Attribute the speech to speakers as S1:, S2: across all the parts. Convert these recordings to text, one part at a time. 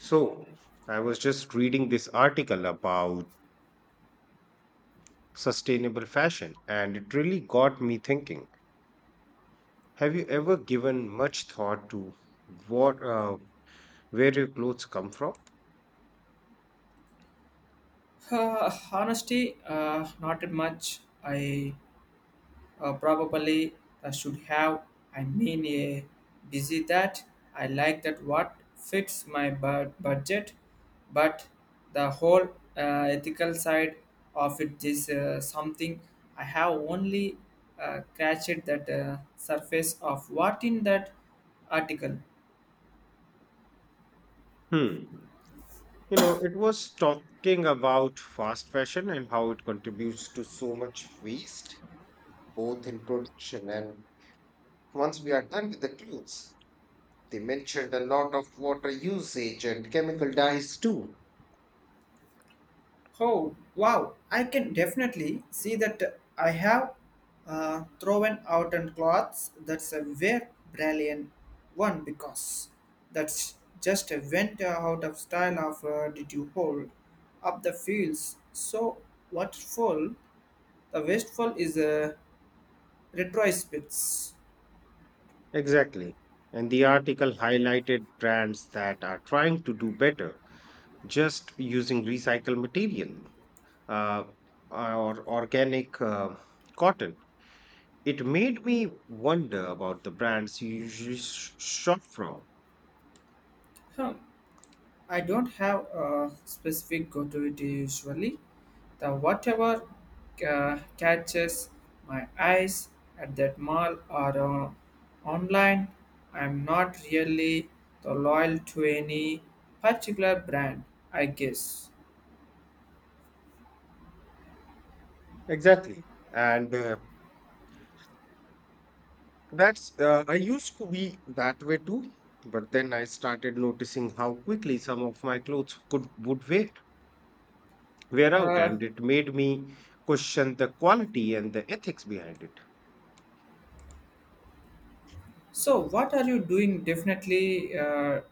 S1: So, I was just reading this article about sustainable fashion, and it really got me thinking. Have you ever given much thought to what, uh, where your clothes come from?
S2: Honesty, not much. I probably should have. I mean, a busy that I like that what fits my budget, but the whole ethical side of it is something I have only scratched that surface of what in that article.
S1: Hmm. You know, it was talking about fast fashion and how it contributes to so much waste, both in production and once we are done with the clues, they mentioned a lot of water usage and chemical dyes too.
S2: Oh, wow. I can definitely see that I have thrown out and cloths. That's a very brilliant one because that's just a went out of style of did you hold up the fields. So what full the wasteful is a retrospects.
S1: Exactly. And the article highlighted brands that are trying to do better just using recycled material uh, or organic cotton. It made me wonder about the brands you usually sh- shop from.
S2: Huh. I don't have a specific go-to it usually. The whatever catches my eyes at that mall or online, I'm not really the loyal to any particular brand, I guess.
S1: Exactly. And That's, I used to be that way too, but then I started noticing how quickly some of my clothes wear out,
S2: Uh,
S1: and it made me question the quality and the ethics behind it.
S2: so, what are you doing definitely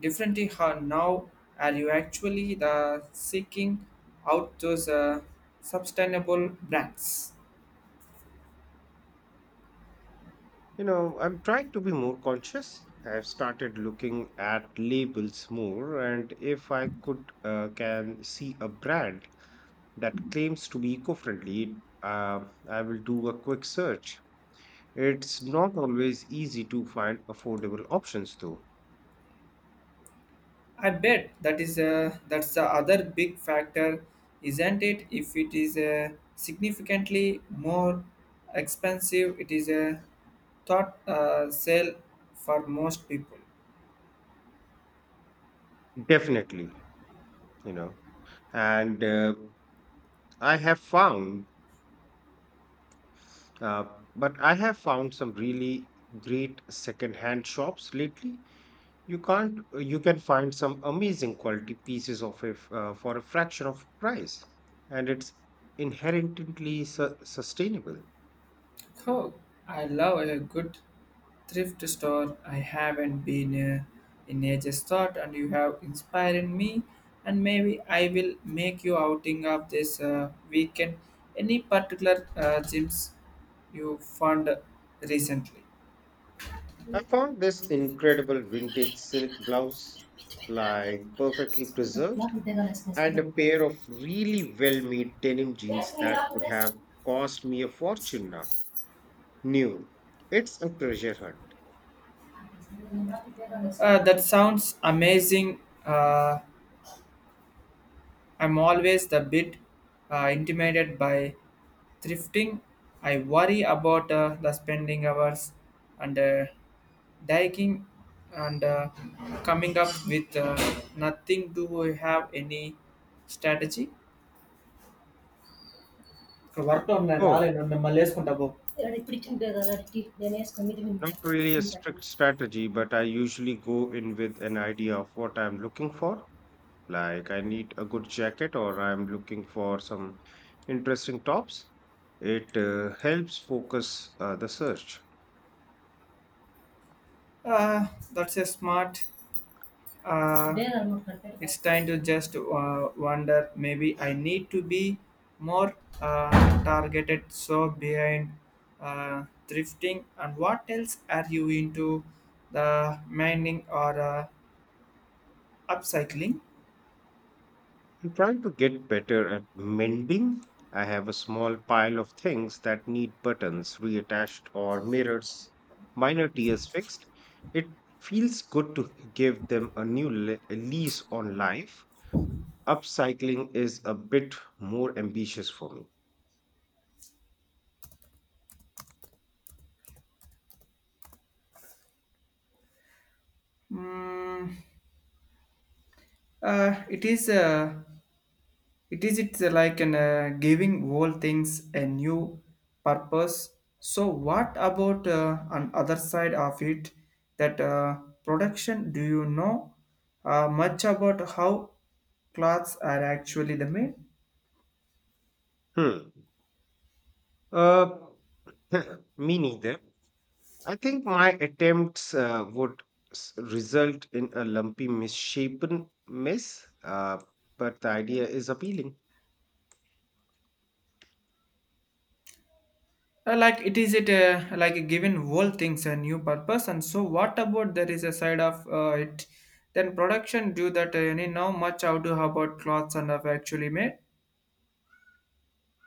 S2: differently how now? Are you actually the seeking out those sustainable brands?
S1: You know, I'm trying to be more conscious. I've started looking at labels more, and if I could can see a brand that claims to be eco-friendly, I will do a quick search. It's not always easy to find affordable options, though.
S2: I bet that is that's the other big factor, isn't it? If it is significantly more expensive, it is a thought sale for most people.
S1: Definitely, you know, and I have found, uh, but I have found some really great secondhand shops lately. You can't, you can find some amazing quality pieces of it for a fraction of price, and it's inherently sustainable.
S2: Oh, I love a good thrift store. I haven't been in ages thought, and you have inspired me. And maybe I will make you outing of this weekend. Any particular gyms you found recently?
S1: I found this incredible vintage silk blouse, like perfectly preserved, and a pair of really well made denim jeans that
S2: Uh,
S1: could have cost me a fortune now. New. It's a treasure hunt.
S2: that sounds amazing. Uh, I'm always a bit intimidated by thrifting. I worry about the spending hours and digging and coming up with nothing. Do we have any strategy? ఇక్కడ work ఉన్నాయి
S1: Oh,
S2: రాలేదు మిమ్మల్ని వేసుకుంటావు.
S1: not really a strict strategy, but I usually go in with an idea of what I'm looking for. Like, I need a good jacket or I'm looking for some interesting tops. It helps focus the search.
S2: Uh, that's a smart. Uh, it's time to just wonder maybe I need to be more targeted. So, behind thrifting, and what else are you into? The mining or upcycling?
S1: I'm trying to get better at mending. I have a small pile of things that need buttons reattached or mirrors, minor tears fixed. It feels good to give them a new lease on life. Upcycling is a bit more ambitious for me.
S2: Mm, it is. It is it's like an giving all things a new purpose. So what about on other side of it that production? Do you know much about how clothes are actually the made?
S1: Hmm. Uh, me neither. I think my attempts would result in a lumpy, misshapen mess, but the idea is appealing.
S2: Like it is it like a given old things a new purpose and so what about there is a side of it then production do that you know much how to how about clothes and have actually made.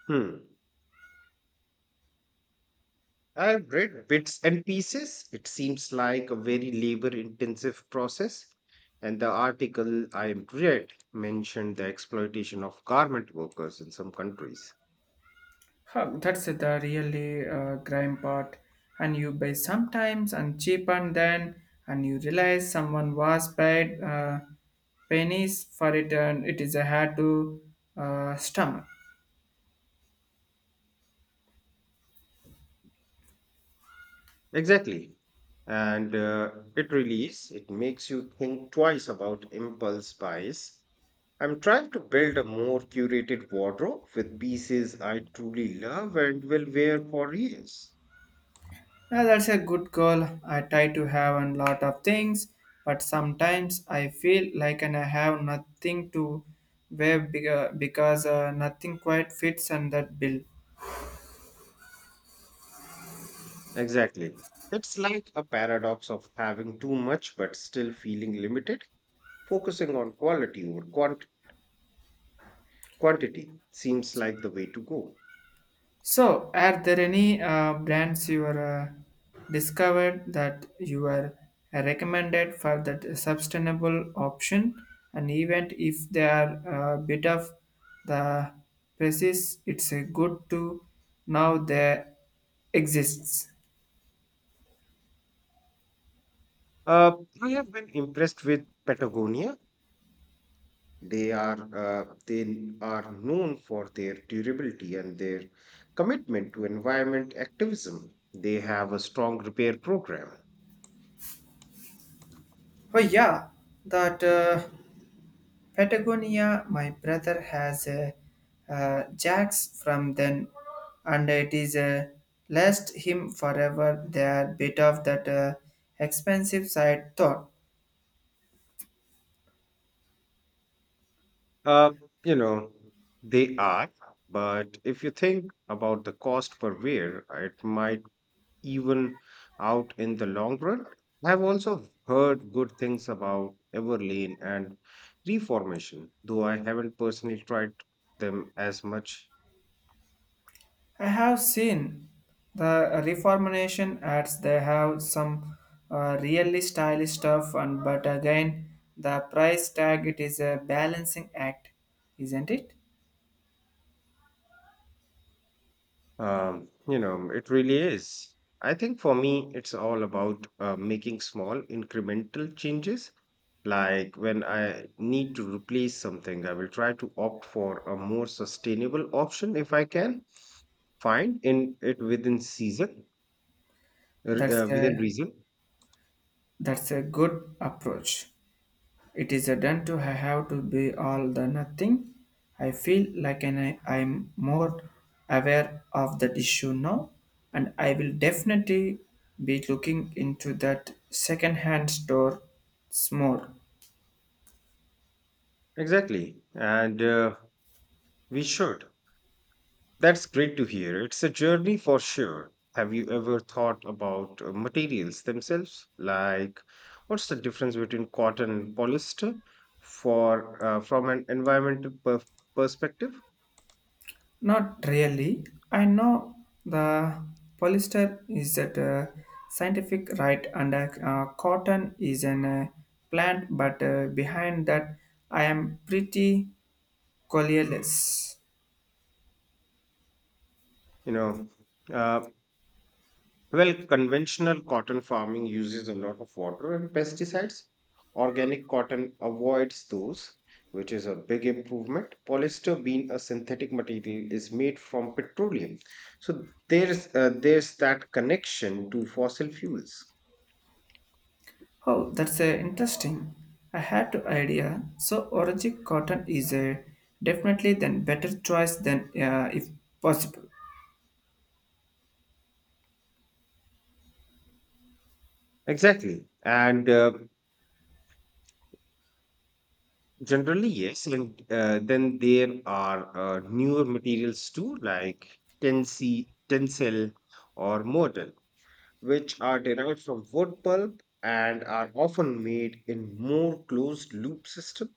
S1: Hmm. I've read bits and pieces. It seems like a very labor intensive process. And the article I read mentioned the exploitation of garment workers in some countries.
S2: Huh, that's the really grime part. And you buy sometimes and cheap and then and you realize someone was paid pennies for it and it is a hard to stomach.
S1: Exactly. And it really is. It makes you think twice about impulse buys. I'm trying to build a more curated wardrobe with pieces I truly love and will wear for years.
S2: Yeah, that's a good goal. I try to have a lot of things, but sometimes I feel like and I have nothing to wear bigger because nothing quite fits on that bill.
S1: Exactly. It's like a paradox of having too much but still feeling limited. Focusing on quality over quantity seems like the way to go.
S2: So, are there any brands you are discovered that you are recommended for that sustainable option, and even if they are a bit of the prices, it's a good to now they exists.
S1: Uh, I have been impressed with Patagonia. They are known for their durability and their commitment to environment activism. They have a strong repair program.
S2: Oh yeah, that. Patagonia, my brother has a jacks from then, and it is a last him forever. They are bit of that expensive side thought.
S1: Uh, you know, they are, but if you think about the cost per wear, it might even out in the long run. I've also heard good things about Everlane and Reformation, though I haven't personally tried them as much.
S2: I have seen the reformation ads. They have some really stylish stuff, and but again, the price tag. It is a balancing act, isn't it?
S1: You know, it really is. I think for me, it's all about making small incremental changes. Like when I need to replace something, I will try to opt for a more sustainable option if I can find in it within
S2: That's
S1: within
S2: a
S1: reason.
S2: that's a good approach. It is a done to I have to be all the nothing. I feel like an, I'm more aware of that issue now, and I will definitely be looking into that second-hand store more.
S1: Exactly. And we should. That's great to hear. It's a journey for sure. Have you ever thought about materials themselves? Like, what's the difference between cotton and polyester for from an environmental perspective?
S2: Not really. I know the polyester is that scientific right, and cotton is an plant, but behind that, I am pretty colorless.
S1: You know, uh, Well, conventional cotton farming uses a lot of water and pesticides. Organic cotton avoids those, which is a big improvement. Polyester, being a synthetic material, is made from petroleum. So there's that connection to fossil fuels.
S2: Oh, that's interesting. I had no idea. So, orange cotton is a definitely then better choice than if possible.
S1: Exactly. And generally, yes. And then there are newer materials too, like tensile or modal, which are derived from wood pulp and are often made in more closed loop system.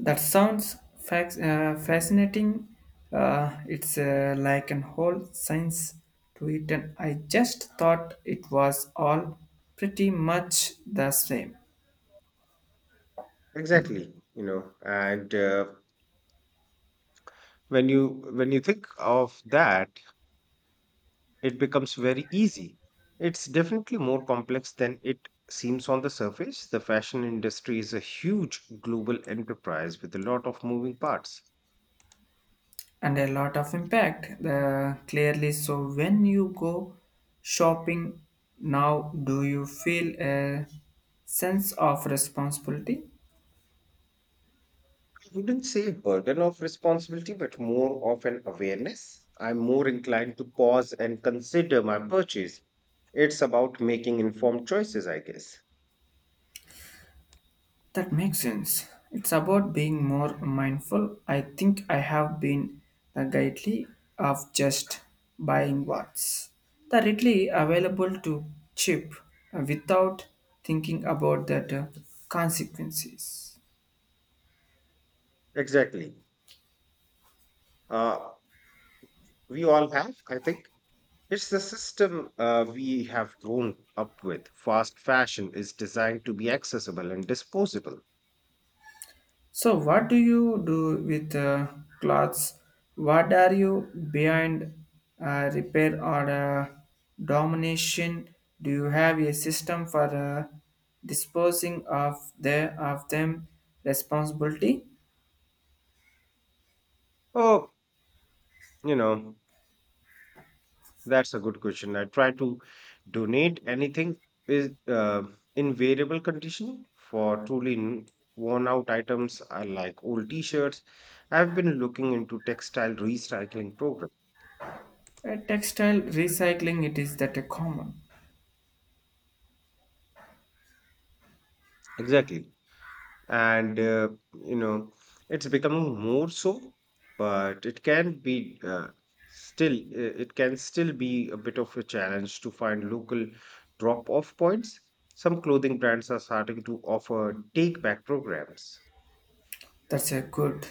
S2: That sounds fascinating. It's like an whole science to it, and I just thought it was all pretty much the same.
S1: Exactly, you know, and when you think of that, it becomes very easy. It's definitely more complex than it seems on the surface. The fashion industry is a huge global enterprise with a lot of moving parts.
S2: And a lot of impact. The, clearly, so when you go shopping now, do you feel a sense of responsibility?
S1: Wouldn't say burden of responsibility, but more of an awareness. I'm more inclined to pause and consider my purchase. It's about making informed choices, I guess.
S2: That makes sense. It's about being more mindful. I think I have been the guilty of just buying what's the readily available to cheap without thinking about the consequences.
S1: Exactly. Uh, we all have, I think. It's the system we have grown up with. Fast fashion is designed to be accessible and disposable.
S2: So, what do you do with clothes? What are you behind repair or domination? Do you have a system for disposing of the of them responsibility?
S1: Oh, you know, that's a good question. I try to donate anything is in variable condition. For truly worn out items, I like old T-shirts. I've been looking into textile recycling program.
S2: Textile recycling it is that a common.
S1: Exactly. and you know, it's becoming more so, but still it can still be a bit of a challenge to find local drop off points. Some clothing brands are starting to offer take back programs.
S2: That's a good.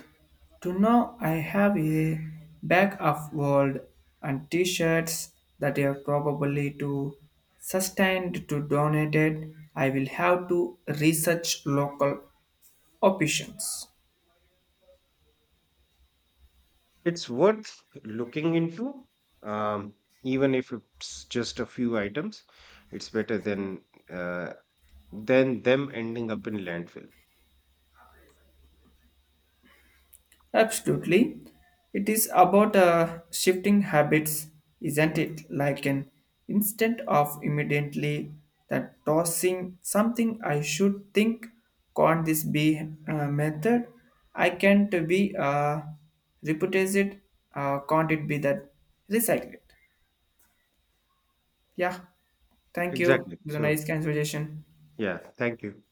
S2: To know I have a bag of world and t-shirts that are probably too sustained to donate it. I will have to research local options.
S1: It's worth looking into, um, even if it's just a few items. It's better uh, than them ending up in landfill.
S2: Absolutely. It is about shifting habits, isn't it? Like an instant of immediately that tossing something I should think, can't this be a method? I can't be reputed, can't it be that recycled? Yeah, thank you.
S1: Exactly.
S2: It was a
S1: So
S2: nice conversation.
S1: yeah, thank you.